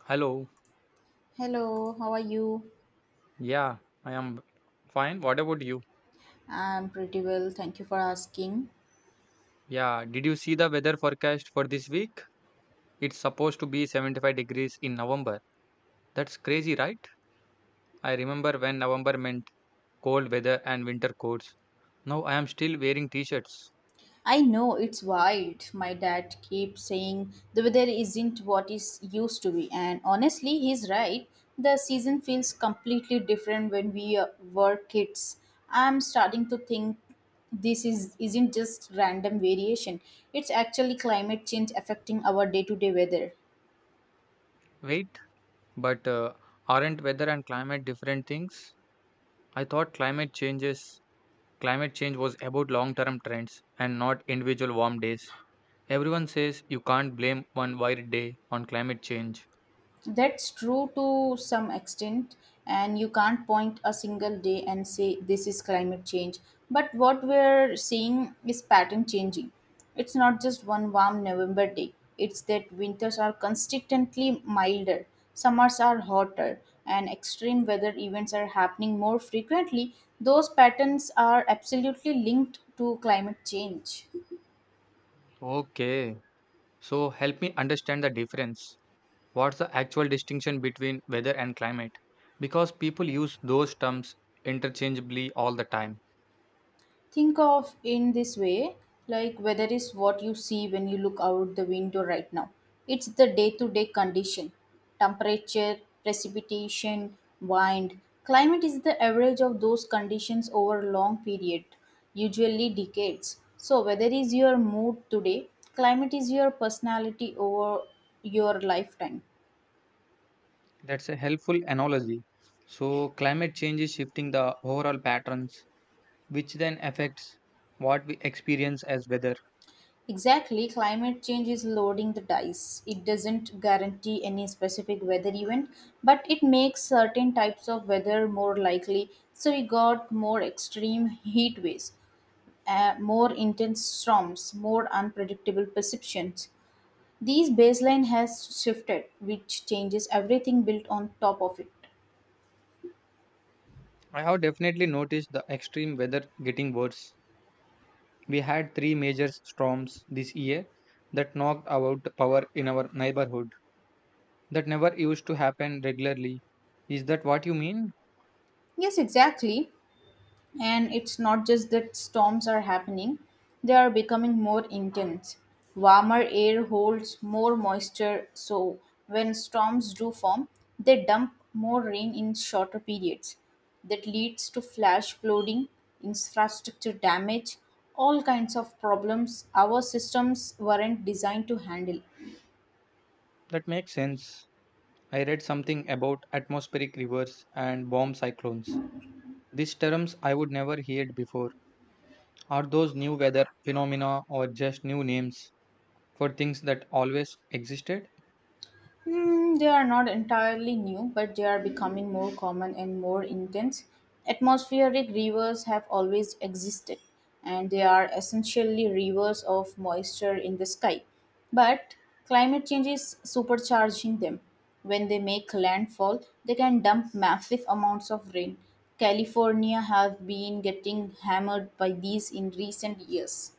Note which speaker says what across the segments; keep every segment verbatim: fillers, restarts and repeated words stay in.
Speaker 1: Hello.
Speaker 2: Hello, how are you?
Speaker 1: Yeah, I am fine. What about you?
Speaker 2: I'm pretty well, thank you for asking.
Speaker 1: Yeah, did you see the weather forecast for this week? It's supposed to be seventy-five degrees in November. That's crazy, right? I remember when November meant cold weather and winter coats. Now I am still wearing t-shirts.
Speaker 2: I know it's wild. My dad keeps saying the weather isn't what it used to be, and honestly, he's right. The season feels completely different when we uh, were kids. I'm starting to think this is isn't just random variation. It's actually climate change affecting our day-to-day weather.
Speaker 1: Wait, but uh, aren't weather and climate different things? I thought climate changes climate change was about long-term trends and not individual warm days. Everyone says you can't blame one wild day on climate change.
Speaker 2: That's true to some extent, and you can't point a single day and say this is climate change. But what we're seeing is pattern changing. It's not just one warm November day, it's that winters are consistently milder, summers are hotter, and extreme weather events are happening more frequently. Those patterns are absolutely linked to climate change.
Speaker 1: Okay. So help me understand the difference. What's the actual distinction between weather and climate? Because people use those terms interchangeably all the time.
Speaker 2: Think of in this way, like weather is what you see when you look out the window right now. It's the day to day condition, temperature, precipitation, wind. Climate is the average of those conditions over a long period, usually decades. So weather is your mood today, climate is your personality over your lifetime.
Speaker 1: That's a helpful analogy. So climate change is shifting the overall patterns, which then affects what we experience as weather.
Speaker 2: Exactly, climate change is loading the dice. It doesn't guarantee any specific weather event, but it makes certain types of weather more likely. So we got more extreme heat waves, uh, more intense storms, more unpredictable perceptions. These baseline has shifted, which changes everything built on top of it.
Speaker 1: I have definitely noticed the extreme weather getting worse. We had three major storms this year that knocked out power in our neighborhood. That never used to happen regularly. Is that what you mean?
Speaker 2: Yes, exactly. And it's not just that storms are happening, they are becoming more intense. Warmer air holds more moisture, so when storms do form, they dump more rain in shorter periods. That leads to flash flooding, infrastructure damage, all kinds of problems our systems weren't designed to handle.
Speaker 1: That makes sense. I read something about atmospheric rivers and bomb cyclones. These terms I would never heard before. Are those new weather phenomena or just new names for things that always existed?
Speaker 2: Mm, they are not entirely new, but they are becoming more common and more intense. Atmospheric rivers have always existed, and they are essentially rivers of moisture in the sky. But climate change is supercharging them. When they make landfall, they can dump massive amounts of rain. California have been getting hammered by these in recent years.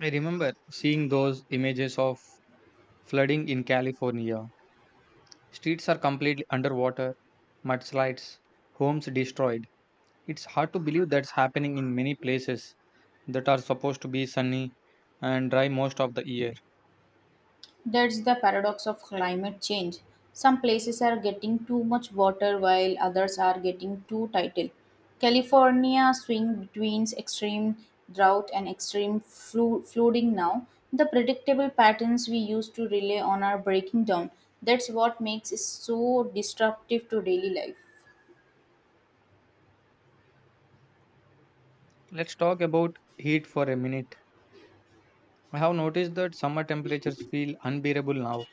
Speaker 1: I remember seeing those images of flooding in California. Streets are completely underwater, mudslides, homes destroyed. It's hard to believe that's happening in many places that are supposed to be sunny and dry most of the year.
Speaker 2: That's the paradox of climate change. Some places are getting too much water while others are getting too tidal. California swing between extreme drought and extreme flu- flooding now. The predictable patterns we used to rely on are breaking down. That's what makes it so disruptive to daily life.
Speaker 1: Let's talk about heat for a minute. I have noticed that summer temperatures feel unbearable now.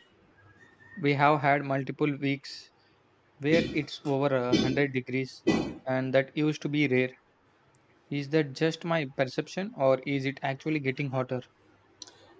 Speaker 1: We have had multiple weeks where it's over a 100 degrees, and that used to be rare. Is that just my perception, or is it actually getting hotter?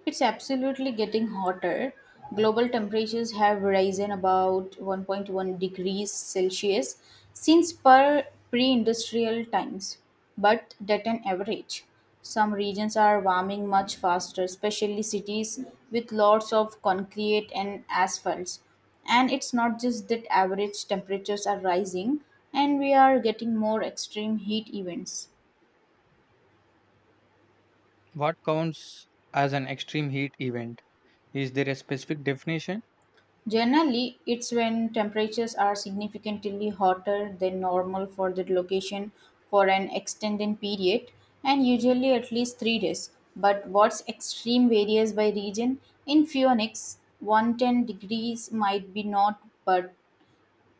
Speaker 2: It's absolutely getting hotter. Global temperatures have risen about one point one degrees Celsius since per pre-industrial times, but at an average. Some regions are warming much faster, especially cities with lots of concrete and asphalts. And it's not just that average temperatures are rising, and we are getting more extreme heat events.
Speaker 1: What counts as an extreme heat event? Is there a specific definition?
Speaker 2: Generally, it's when temperatures are significantly hotter than normal for the location for an extended period and usually at least three days. But what's extreme varies by region. In Phoenix, one ten degrees might be not but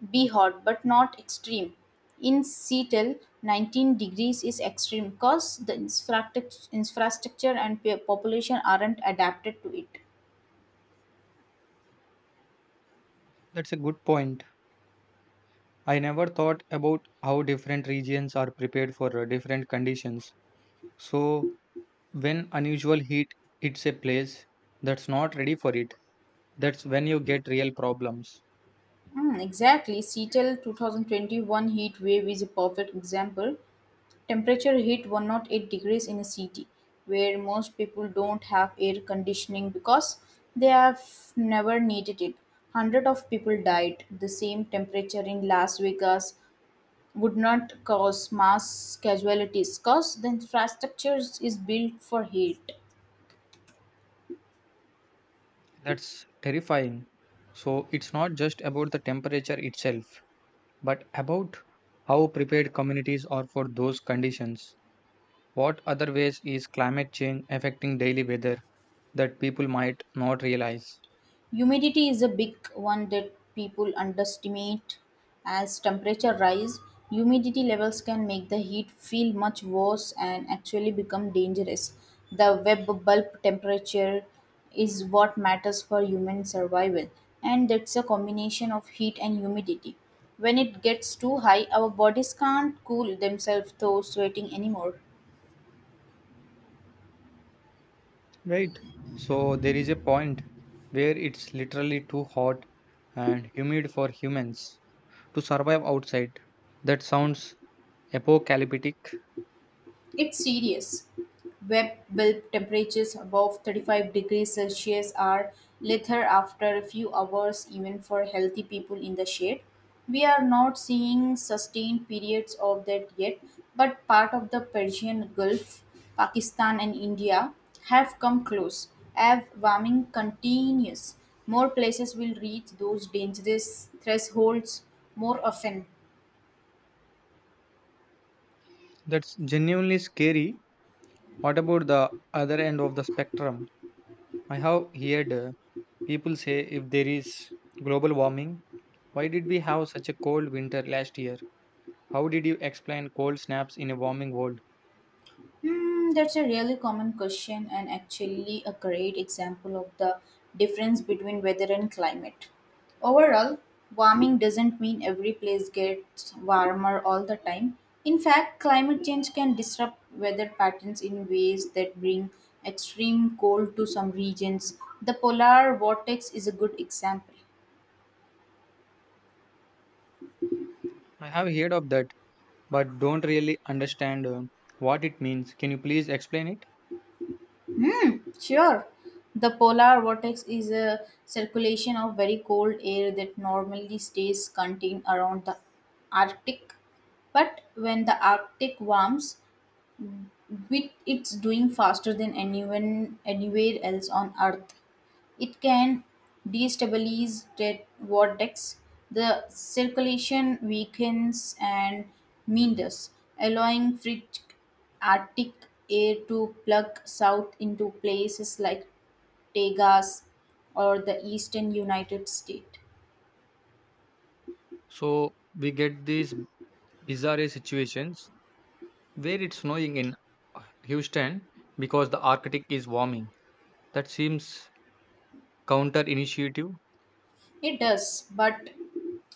Speaker 2: be hot but not extreme. In Seattle, nineteen degrees is extreme because the infrastruct- infrastructure and pe- population aren't adapted to it.
Speaker 1: That's a good point. I never thought about how different regions are prepared for uh, different conditions. So, when unusual heat hits a place that's not ready for it, that's when you get real problems.
Speaker 2: Mm, exactly. Seattle, twenty twenty-one heat wave is a perfect example. Temperature hit one oh eight degrees in a city where most people don't have air conditioning because they have never needed it. Hundred of people died. The same temperature in Las Vegas would not cause mass casualties because the infrastructure is built for heat.
Speaker 1: That's terrifying. So it's not just about the temperature itself, but about how prepared communities are for those conditions. What other ways is climate change affecting daily weather that people might not realize?
Speaker 2: Humidity is a big one that people underestimate. As temperature rise, humidity levels can make the heat feel much worse and actually become dangerous. The web bulb temperature is what matters for human survival, and that's a combination of heat and humidity. When it gets too high, our bodies can't cool themselves through sweating anymore.
Speaker 1: Right. So there is a point where it's literally too hot and humid for humans to survive outside. That sounds apocalyptic.
Speaker 2: It's serious. Web bulb temperatures above thirty-five degrees Celsius are lethal after a few hours, even for healthy people in the shade. We are not seeing sustained periods of that yet, but part of the Persian Gulf, Pakistan, and India have come close. As warming continues, more places will reach those dangerous thresholds more often.
Speaker 1: That's genuinely scary. What about the other end of the spectrum? I have heard uh, people say if there is global warming, why did we have such a cold winter last year? How did you explain cold snaps in a warming world?
Speaker 2: Hmm, that's a really common question and actually a great example of the difference between weather and climate. Overall, warming doesn't mean every place gets warmer all the time. In fact, climate change can disrupt weather patterns in ways that bring extreme cold to some regions. The polar vortex is a good example.
Speaker 1: I have heard of that, but don't really understand uh, what it means. Can you please explain it?
Speaker 2: Sure. The polar vortex is a circulation of very cold air that normally stays contained around the Arctic. But when the Arctic warms, with it's doing faster than anyone anywhere else on Earth. It can destabilize that vortex. The circulation weakens and meanders, allowing free Arctic air to plug south into places like Tegas or the eastern United States.
Speaker 1: So we get these bizarre situations where it's snowing in Houston because the Arctic is warming. That seems counter initiative.
Speaker 2: It does, but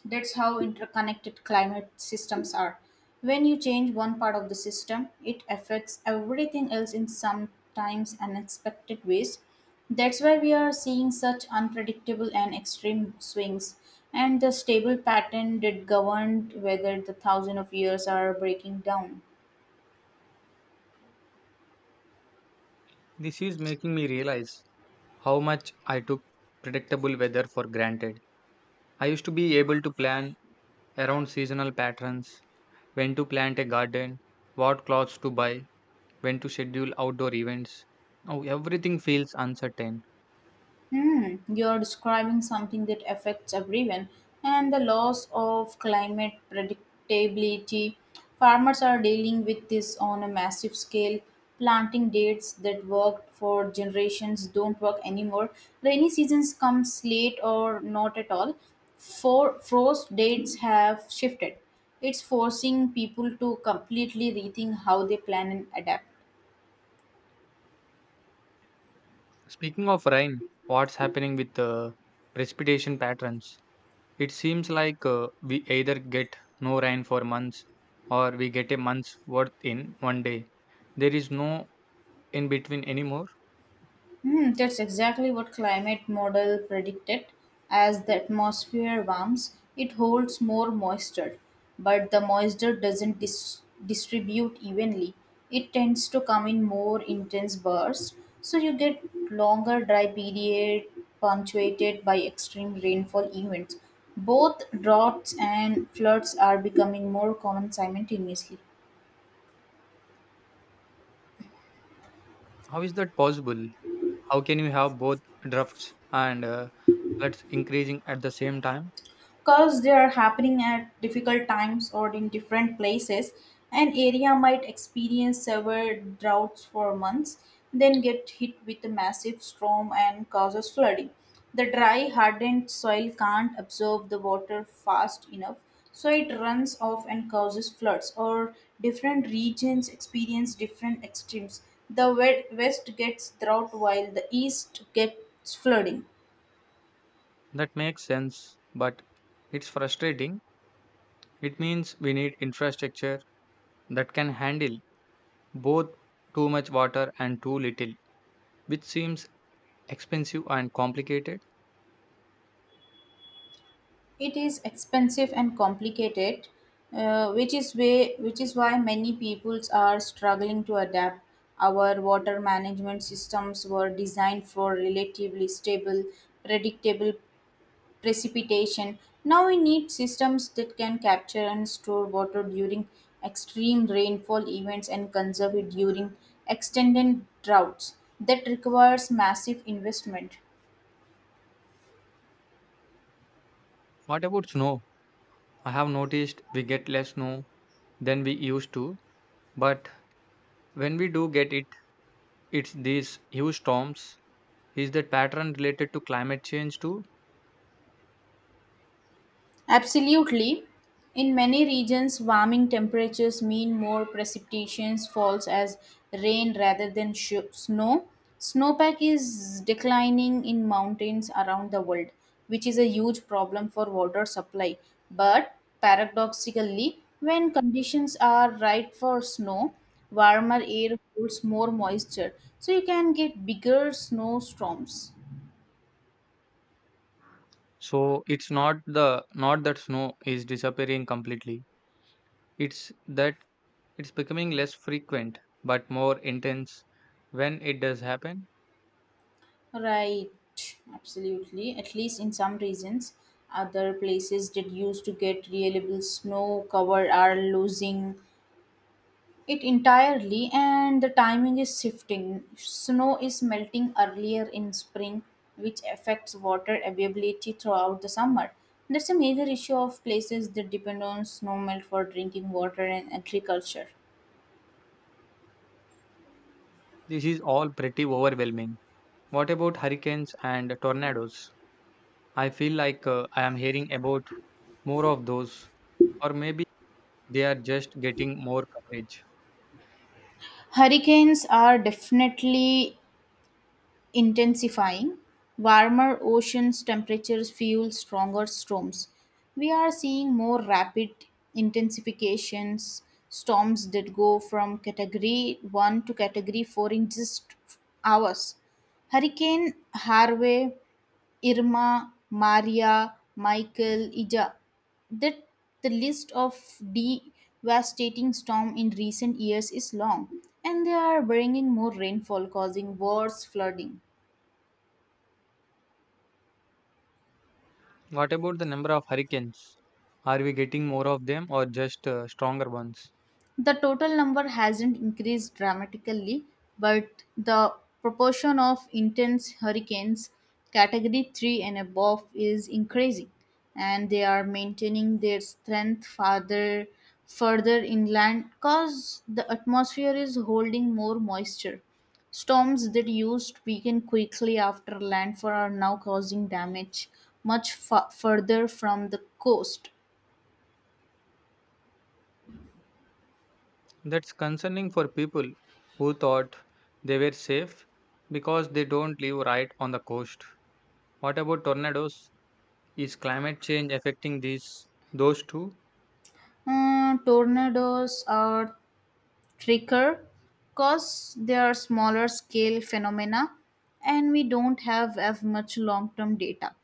Speaker 2: that's how interconnected climate systems are. When you change one part of the system, it affects everything else in sometimes unexpected ways. That's why we are seeing such unpredictable and extreme swings. And the stable pattern that governed whether the thousand of years are breaking down.
Speaker 1: This is making me realize how much I took predictable weather for granted. I used to be able to plan around seasonal patterns, when to plant a garden, what clothes to buy, when to schedule outdoor events. Now everything feels uncertain.
Speaker 2: Hmm, you're describing something that affects everyone, and the loss of climate predictability. Farmers are dealing with this on a massive scale. Planting dates that worked for generations don't work anymore. Rainy seasons come late or not at all. For frost dates have shifted. It's forcing people to completely rethink how they plan and adapt.
Speaker 1: Speaking of rain, what's happening with the precipitation patterns? It seems like uh, we either get no rain for months or we get a month's worth in one day. There is no in between anymore.
Speaker 2: Hmm, that's exactly what climate model predicted. As the atmosphere warms, it holds more moisture, but the moisture doesn't dis- distribute evenly. It tends to come in more intense bursts, so you get longer dry period punctuated by extreme rainfall events. Both droughts and floods are becoming more common simultaneously.
Speaker 1: How is that possible? How can you have both drafts and uh, floods increasing at the same time?
Speaker 2: Because they are happening at difficult times or in different places, an area might experience severe droughts for months, then get hit with a massive storm and causes flooding. The dry hardened soil can't absorb the water fast enough, so it runs off and causes floods. Or different regions experience different extremes, the we- west gets drought while the east gets flooding.
Speaker 1: That makes sense, but it's frustrating. It means we need infrastructure that can handle both too much water and too little, which seems expensive and complicated.
Speaker 2: It is expensive and complicated, uh, which is way which is why many peoples are struggling to adapt. Our water management systems were designed for relatively stable, predictable precipitation. Now we need systems that can capture and store water during extreme rainfall events and conserve it during extended droughts. That requires massive investment.
Speaker 1: What about snow? I have noticed we get less snow than we used to, but when we do get it, it's these huge storms. Is that pattern related to climate change too?
Speaker 2: Absolutely. In many regions, warming temperatures mean more precipitation falls as rain rather than sh- snow. Snowpack is declining in mountains around the world, which is a huge problem for water supply. But paradoxically, when conditions are right for snow, warmer air holds more moisture, so you can get bigger snowstorms.
Speaker 1: So it's not the not that snow is disappearing completely. It's that it's becoming less frequent but more intense when it does happen.
Speaker 2: Right, absolutely. At least in some regions, other places that used to get reliable snow cover are losing it entirely, and the timing is shifting. Snow is melting earlier in spring, which affects water availability throughout the summer. That's a major issue of places that depend on snowmelt for drinking water and agriculture.
Speaker 1: This is all pretty overwhelming. What about hurricanes and tornadoes? I feel like uh, I am hearing about more of those or maybe they are just getting more coverage.
Speaker 2: Hurricanes are definitely intensifying. Warmer oceans temperatures fuel stronger storms. We are seeing more rapid intensifications, storms that go from category one to category four in just hours. Hurricane Harvey, Irma, Maria, Michael, Ija. That the list of devastating storms in recent years is long, and they are bringing more rainfall, causing worse flooding.
Speaker 1: What about the number of hurricanes? Are we getting more of them or just uh, stronger ones?
Speaker 2: The total number hasn't increased dramatically, but the proportion of intense hurricanes category three and above is increasing, and they are maintaining their strength farther further inland cause the atmosphere is holding more moisture. Storms that used to weaken quickly after landfall are now causing damage much fu- further from the coast.
Speaker 1: That's concerning for people who thought they were safe because they don't live right on the coast. What about tornadoes? Is climate change affecting these those too?
Speaker 2: Uh, tornadoes are tricker because they are smaller scale phenomena and we don't have as much long term data.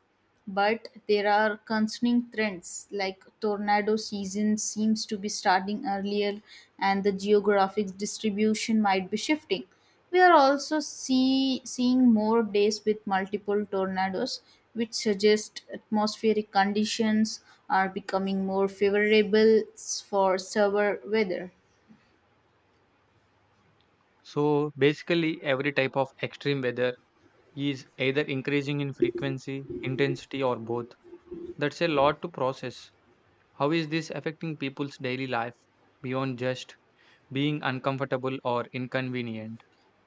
Speaker 2: But there are concerning trends like tornado season seems to be starting earlier and the geographic distribution might be shifting. We are also see, seeing more days with multiple tornadoes, which suggest atmospheric conditions are becoming more favorable for severe weather.
Speaker 1: So basically every type of extreme weather is either increasing in frequency, intensity or both. That's a lot to process. How is this affecting people's daily life beyond just being uncomfortable or inconvenient?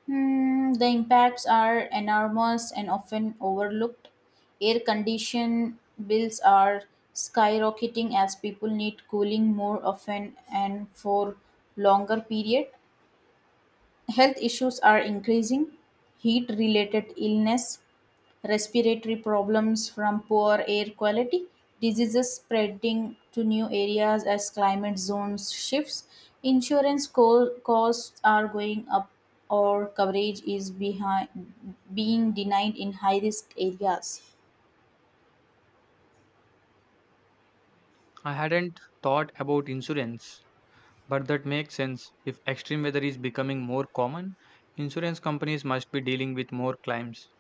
Speaker 2: Hmm, the impacts are enormous and often overlooked. Air condition bills are skyrocketing as people need cooling more often and for longer period. Health issues are increasing heat related illness, respiratory problems from poor air quality, diseases spreading to new areas as climate zones shifts, insurance co- costs are going up or coverage is behind, being denied in high risk areas.
Speaker 1: I hadn't thought about insurance, but that makes sense. If extreme weather is becoming more common, insurance companies must be dealing with more claims.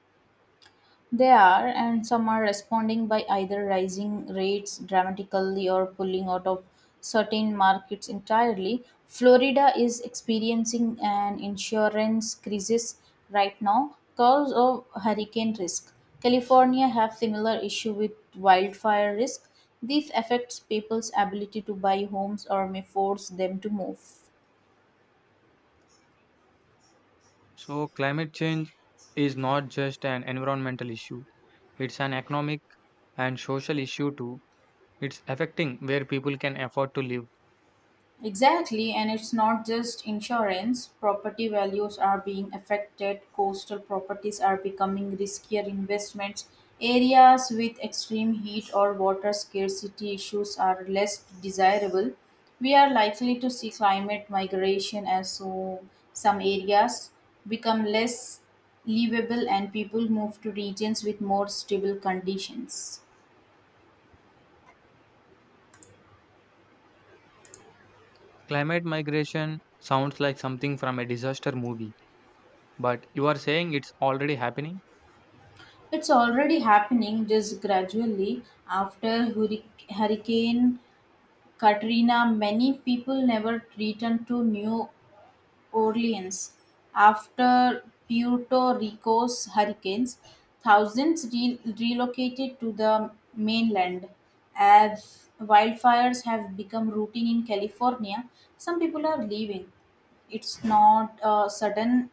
Speaker 2: They are, and some are responding by either rising rates dramatically or pulling out of certain markets entirely. Florida is experiencing an insurance crisis right now because of hurricane risk. California have similar issue with wildfire risk. This affects people's ability to buy homes or may force them to move.
Speaker 1: So, climate change is not just an environmental issue, it's an economic and social issue too. It's affecting where people can afford to live.
Speaker 2: Exactly, and it's not just insurance. Property values are being affected. Coastal properties are becoming riskier investments. Areas with extreme heat or water scarcity issues are less desirable. We are likely to see climate migration as so some areas become less livable and people move to regions with more stable conditions.
Speaker 1: Climate migration sounds like something from a disaster movie, but you are saying it's already happening?
Speaker 2: It's already happening just gradually. After hurric- Hurricane Katrina, many people never returned to New Orleans. After Puerto Rico's hurricanes, thousands re- relocated to the mainland. As wildfires have become routine in California, some people are leaving. It's not a sudden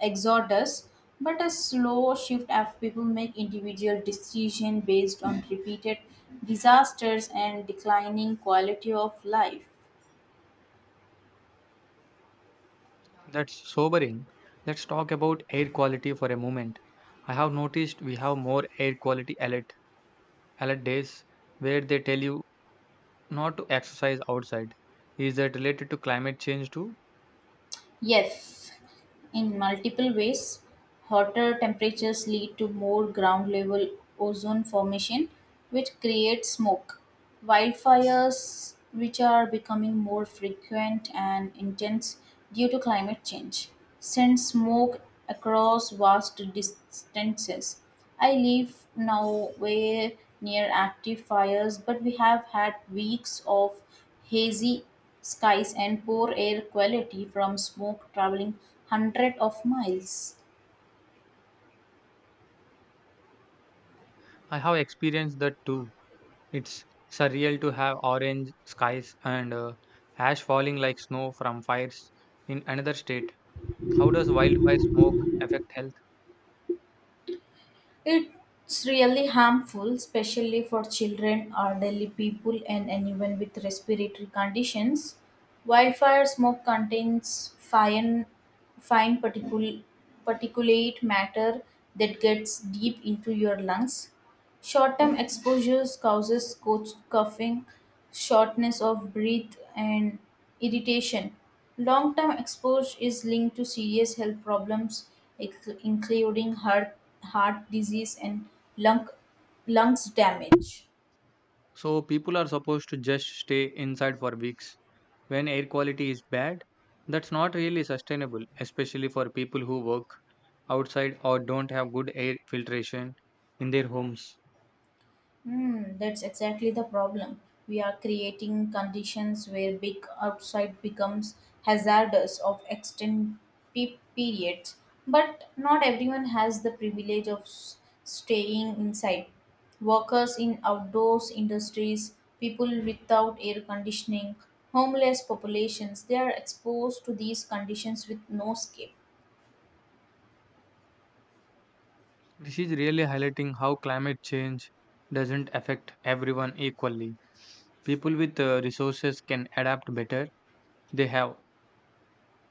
Speaker 2: exodus, but a slow shift as people make individual decisions based on repeated disasters and declining quality of life.
Speaker 1: That's sobering. Let's talk about air quality for a moment. I have noticed we have more air quality alerts Helen days where they tell you not to exercise outside. Is that related to climate change too?
Speaker 2: Yes, in multiple ways. Hotter temperatures lead to more ground level ozone formation, which creates smoke. Wildfires, which are becoming more frequent and intense due to climate change, send smoke across vast distances. I live now way near active fires, but we have had weeks of hazy skies and poor air quality from smoke traveling hundreds of miles.
Speaker 1: I have experienced that too. It's surreal to have orange skies and uh, ash falling like snow from fires in another state. How does wildfire smoke affect health?
Speaker 2: It's really harmful, especially for children, elderly people, and anyone with respiratory conditions. Wildfire smoke contains fine, fine particul- particulate matter that gets deep into your lungs. Short-term exposures causes coach coughing, shortness of breath, and irritation. Long-term exposure is linked to serious health problems, inc- including heart, heart disease and lung, lungs damage.
Speaker 1: So people are supposed to just stay inside for weeks. When air quality is bad, that's not really sustainable, especially for people who work outside or don't have good air filtration in their homes.
Speaker 2: Hmm, that's exactly the problem. We are creating conditions where big outside becomes hazardous of extended pe- periods, but not everyone has the privilege of s- staying inside. Workers in outdoors industries, people without air conditioning, homeless populations, they are exposed to these conditions with no escape.
Speaker 1: This is really highlighting how climate change doesn't affect everyone equally. People with uh, resources can adapt better. They have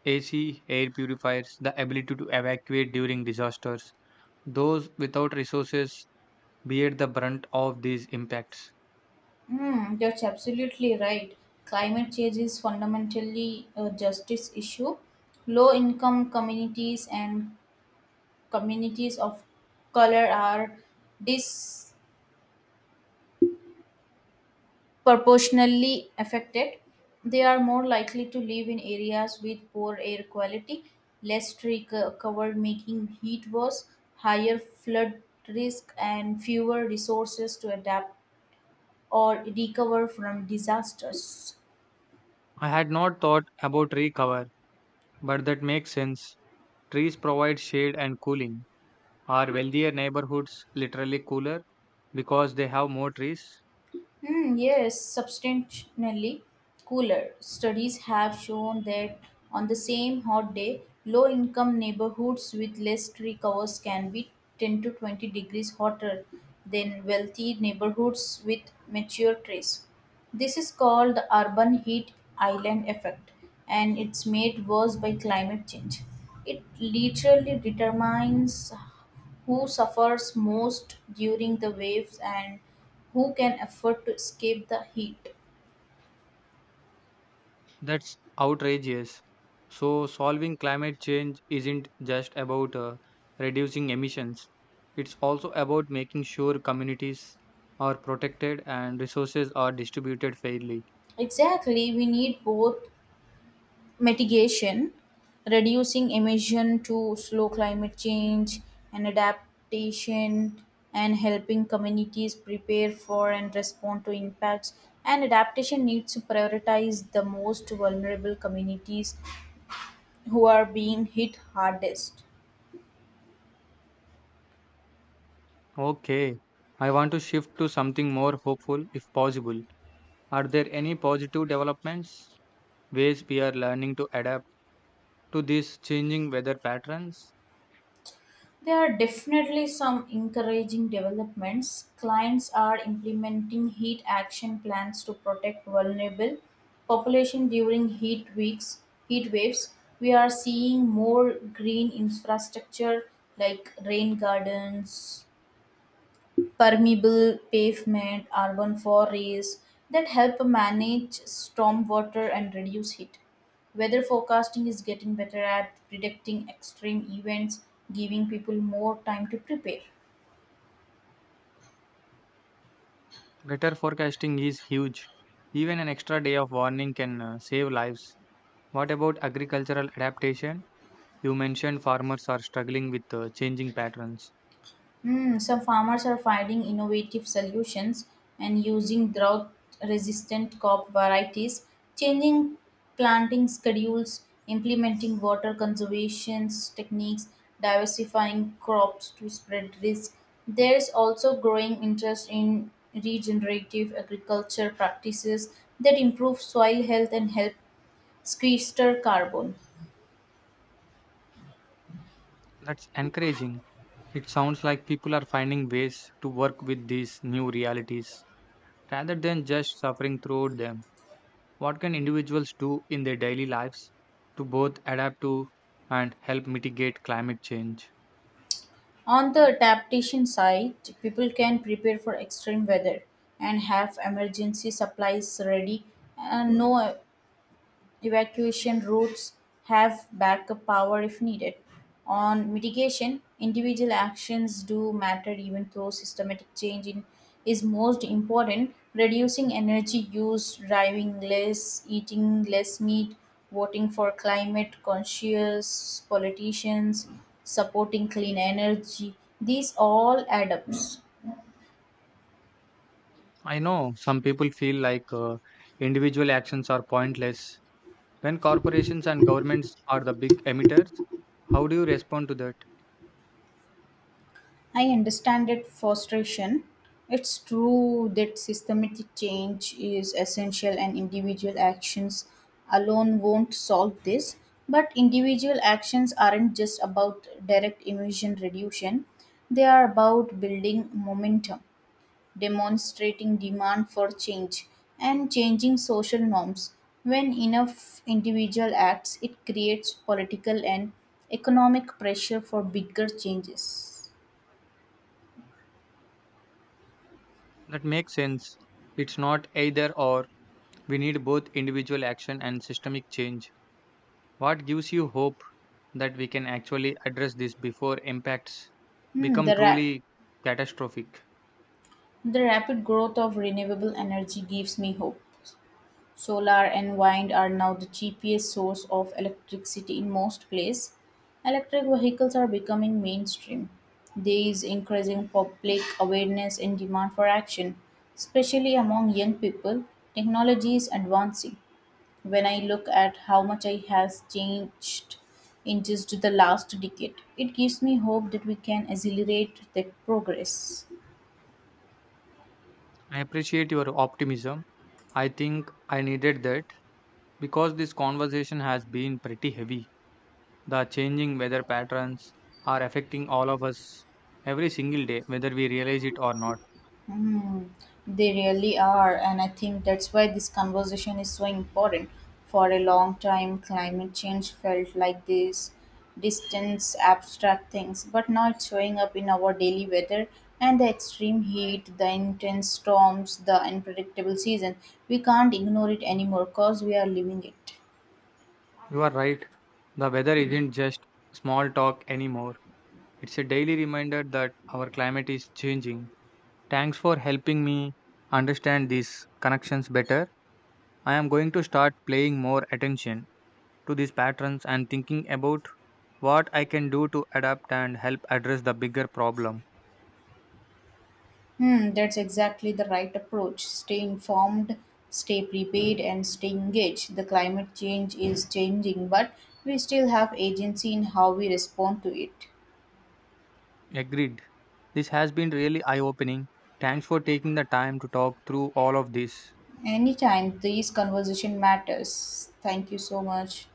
Speaker 1: A C, air purifiers, the ability to evacuate during disasters. Those without resources bear the brunt of these impacts.
Speaker 2: Hmm, that's absolutely right. Climate change is fundamentally a justice issue. Low income communities and communities of color are disproportionately affected. They are more likely to live in areas with poor air quality, less tree co- covered, making heat worse, higher flood risk, and fewer resources to adapt or recover from disasters.
Speaker 1: I had not thought about tree cover, but that makes sense. Trees provide shade and cooling. Are wealthier neighborhoods literally cooler because they have more trees?
Speaker 2: Hmm, yes, substantially cooler. Studies have shown that on the same hot day, low income neighborhoods with less tree covers can be ten to twenty degrees hotter than wealthy neighborhoods with mature trees. This is called the urban heat island effect, and it's made worse by climate change. It literally determines who suffers most during the waves and who can afford to escape the heat.
Speaker 1: That's outrageous. So, solving climate change isn't just about uh, reducing emissions, it's also about making sure communities are protected and resources are distributed fairly.
Speaker 2: Exactly, we need both mitigation, reducing emission to slow climate change and adaptation, and helping communities prepare for and respond to impacts. And adaptation needs to prioritize the most vulnerable communities who are being hit hardest.
Speaker 1: Okay, I want to shift to something more hopeful if possible. Are there any positive developments, ways we are learning to adapt to these changing weather patterns?
Speaker 2: There are definitely some encouraging developments. Clients are implementing heat action plans to protect vulnerable population during heat weeks, heat waves. We are seeing more green infrastructure like rain gardens, permeable pavement, urban forests that help manage stormwater and reduce heat. Weather forecasting is getting better at predicting extreme events, giving people more time to prepare.
Speaker 1: Better forecasting is huge. Even an extra day of warning can uh, save lives. What about agricultural adaptation? You mentioned farmers are struggling with uh, changing patterns.
Speaker 2: Hmm, some farmers are finding innovative solutions and using drought resistant crop varieties, changing planting schedules, implementing water conservation techniques, diversifying crops to spread risk. There is also growing interest in regenerative agriculture practices that improve soil health and help sequester carbon.
Speaker 1: That's encouraging. It sounds like people are finding ways to work with these new realities rather than just suffering through them. What can individuals do in their daily lives to both adapt to and help mitigate climate change?
Speaker 2: On the adaptation side, people can prepare for extreme weather and have emergency supplies ready and no evacuation routes have backup power if needed. On mitigation, individual actions do matter even though systematic change in, is most important. Reducing energy use, driving less, eating less meat, voting for climate conscious politicians, supporting clean energy, these all add up.
Speaker 1: I know some people feel like uh, individual actions are pointless. When corporations and governments are the big emitters, how do you respond to that?
Speaker 2: I understand that frustration. It's true that systematic change is essential and individual actions alone won't solve this. But individual actions aren't just about direct emission reduction, they are about building momentum, demonstrating demand for change, and changing social norms. When enough individual acts, it creates political and economic pressure for bigger changes.
Speaker 1: That makes sense. It's not either or. We need both individual action and systemic change. What gives you hope that we can actually address this before impacts
Speaker 2: Hmm,
Speaker 1: become
Speaker 2: the, rap-
Speaker 1: truly catastrophic?
Speaker 2: the rapid growth of renewable energy gives me hope. Solar and wind are now the cheapest source of electricity in most places. Electric vehicles are becoming mainstream. There is increasing public awareness and demand for action, especially among young people. Technology is advancing. When I look at how much I has changed in just the last decade, it gives me hope that we can accelerate that progress.
Speaker 1: I appreciate your optimism. I think I needed that because this conversation has been pretty heavy. The changing weather patterns are affecting all of us every single day, whether we realize it or not.
Speaker 2: Mm, they really are, and I think that's why this conversation is so important. For a long time, climate change felt like this distant, abstract things, but now it's showing up in our daily weather and the extreme heat, the intense storms, the unpredictable season. We can't ignore it anymore because we are living it.
Speaker 1: You are right. The weather isn't just small talk anymore. It's a daily reminder that our climate is changing. Thanks for helping me understand these connections better. I am going to start paying more attention to these patterns and thinking about what I can do to adapt and help address the bigger problem.
Speaker 2: Hmm, that's exactly the right approach. Stay informed, stay prepared, and stay engaged. The climate change is changing, but we still have agency in how we respond to it.
Speaker 1: Agreed. This has been really eye opening. Thanks for taking the time to talk through all of this.
Speaker 2: Anytime, these conversation matters. Thank you so much.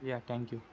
Speaker 1: Yeah, thank you.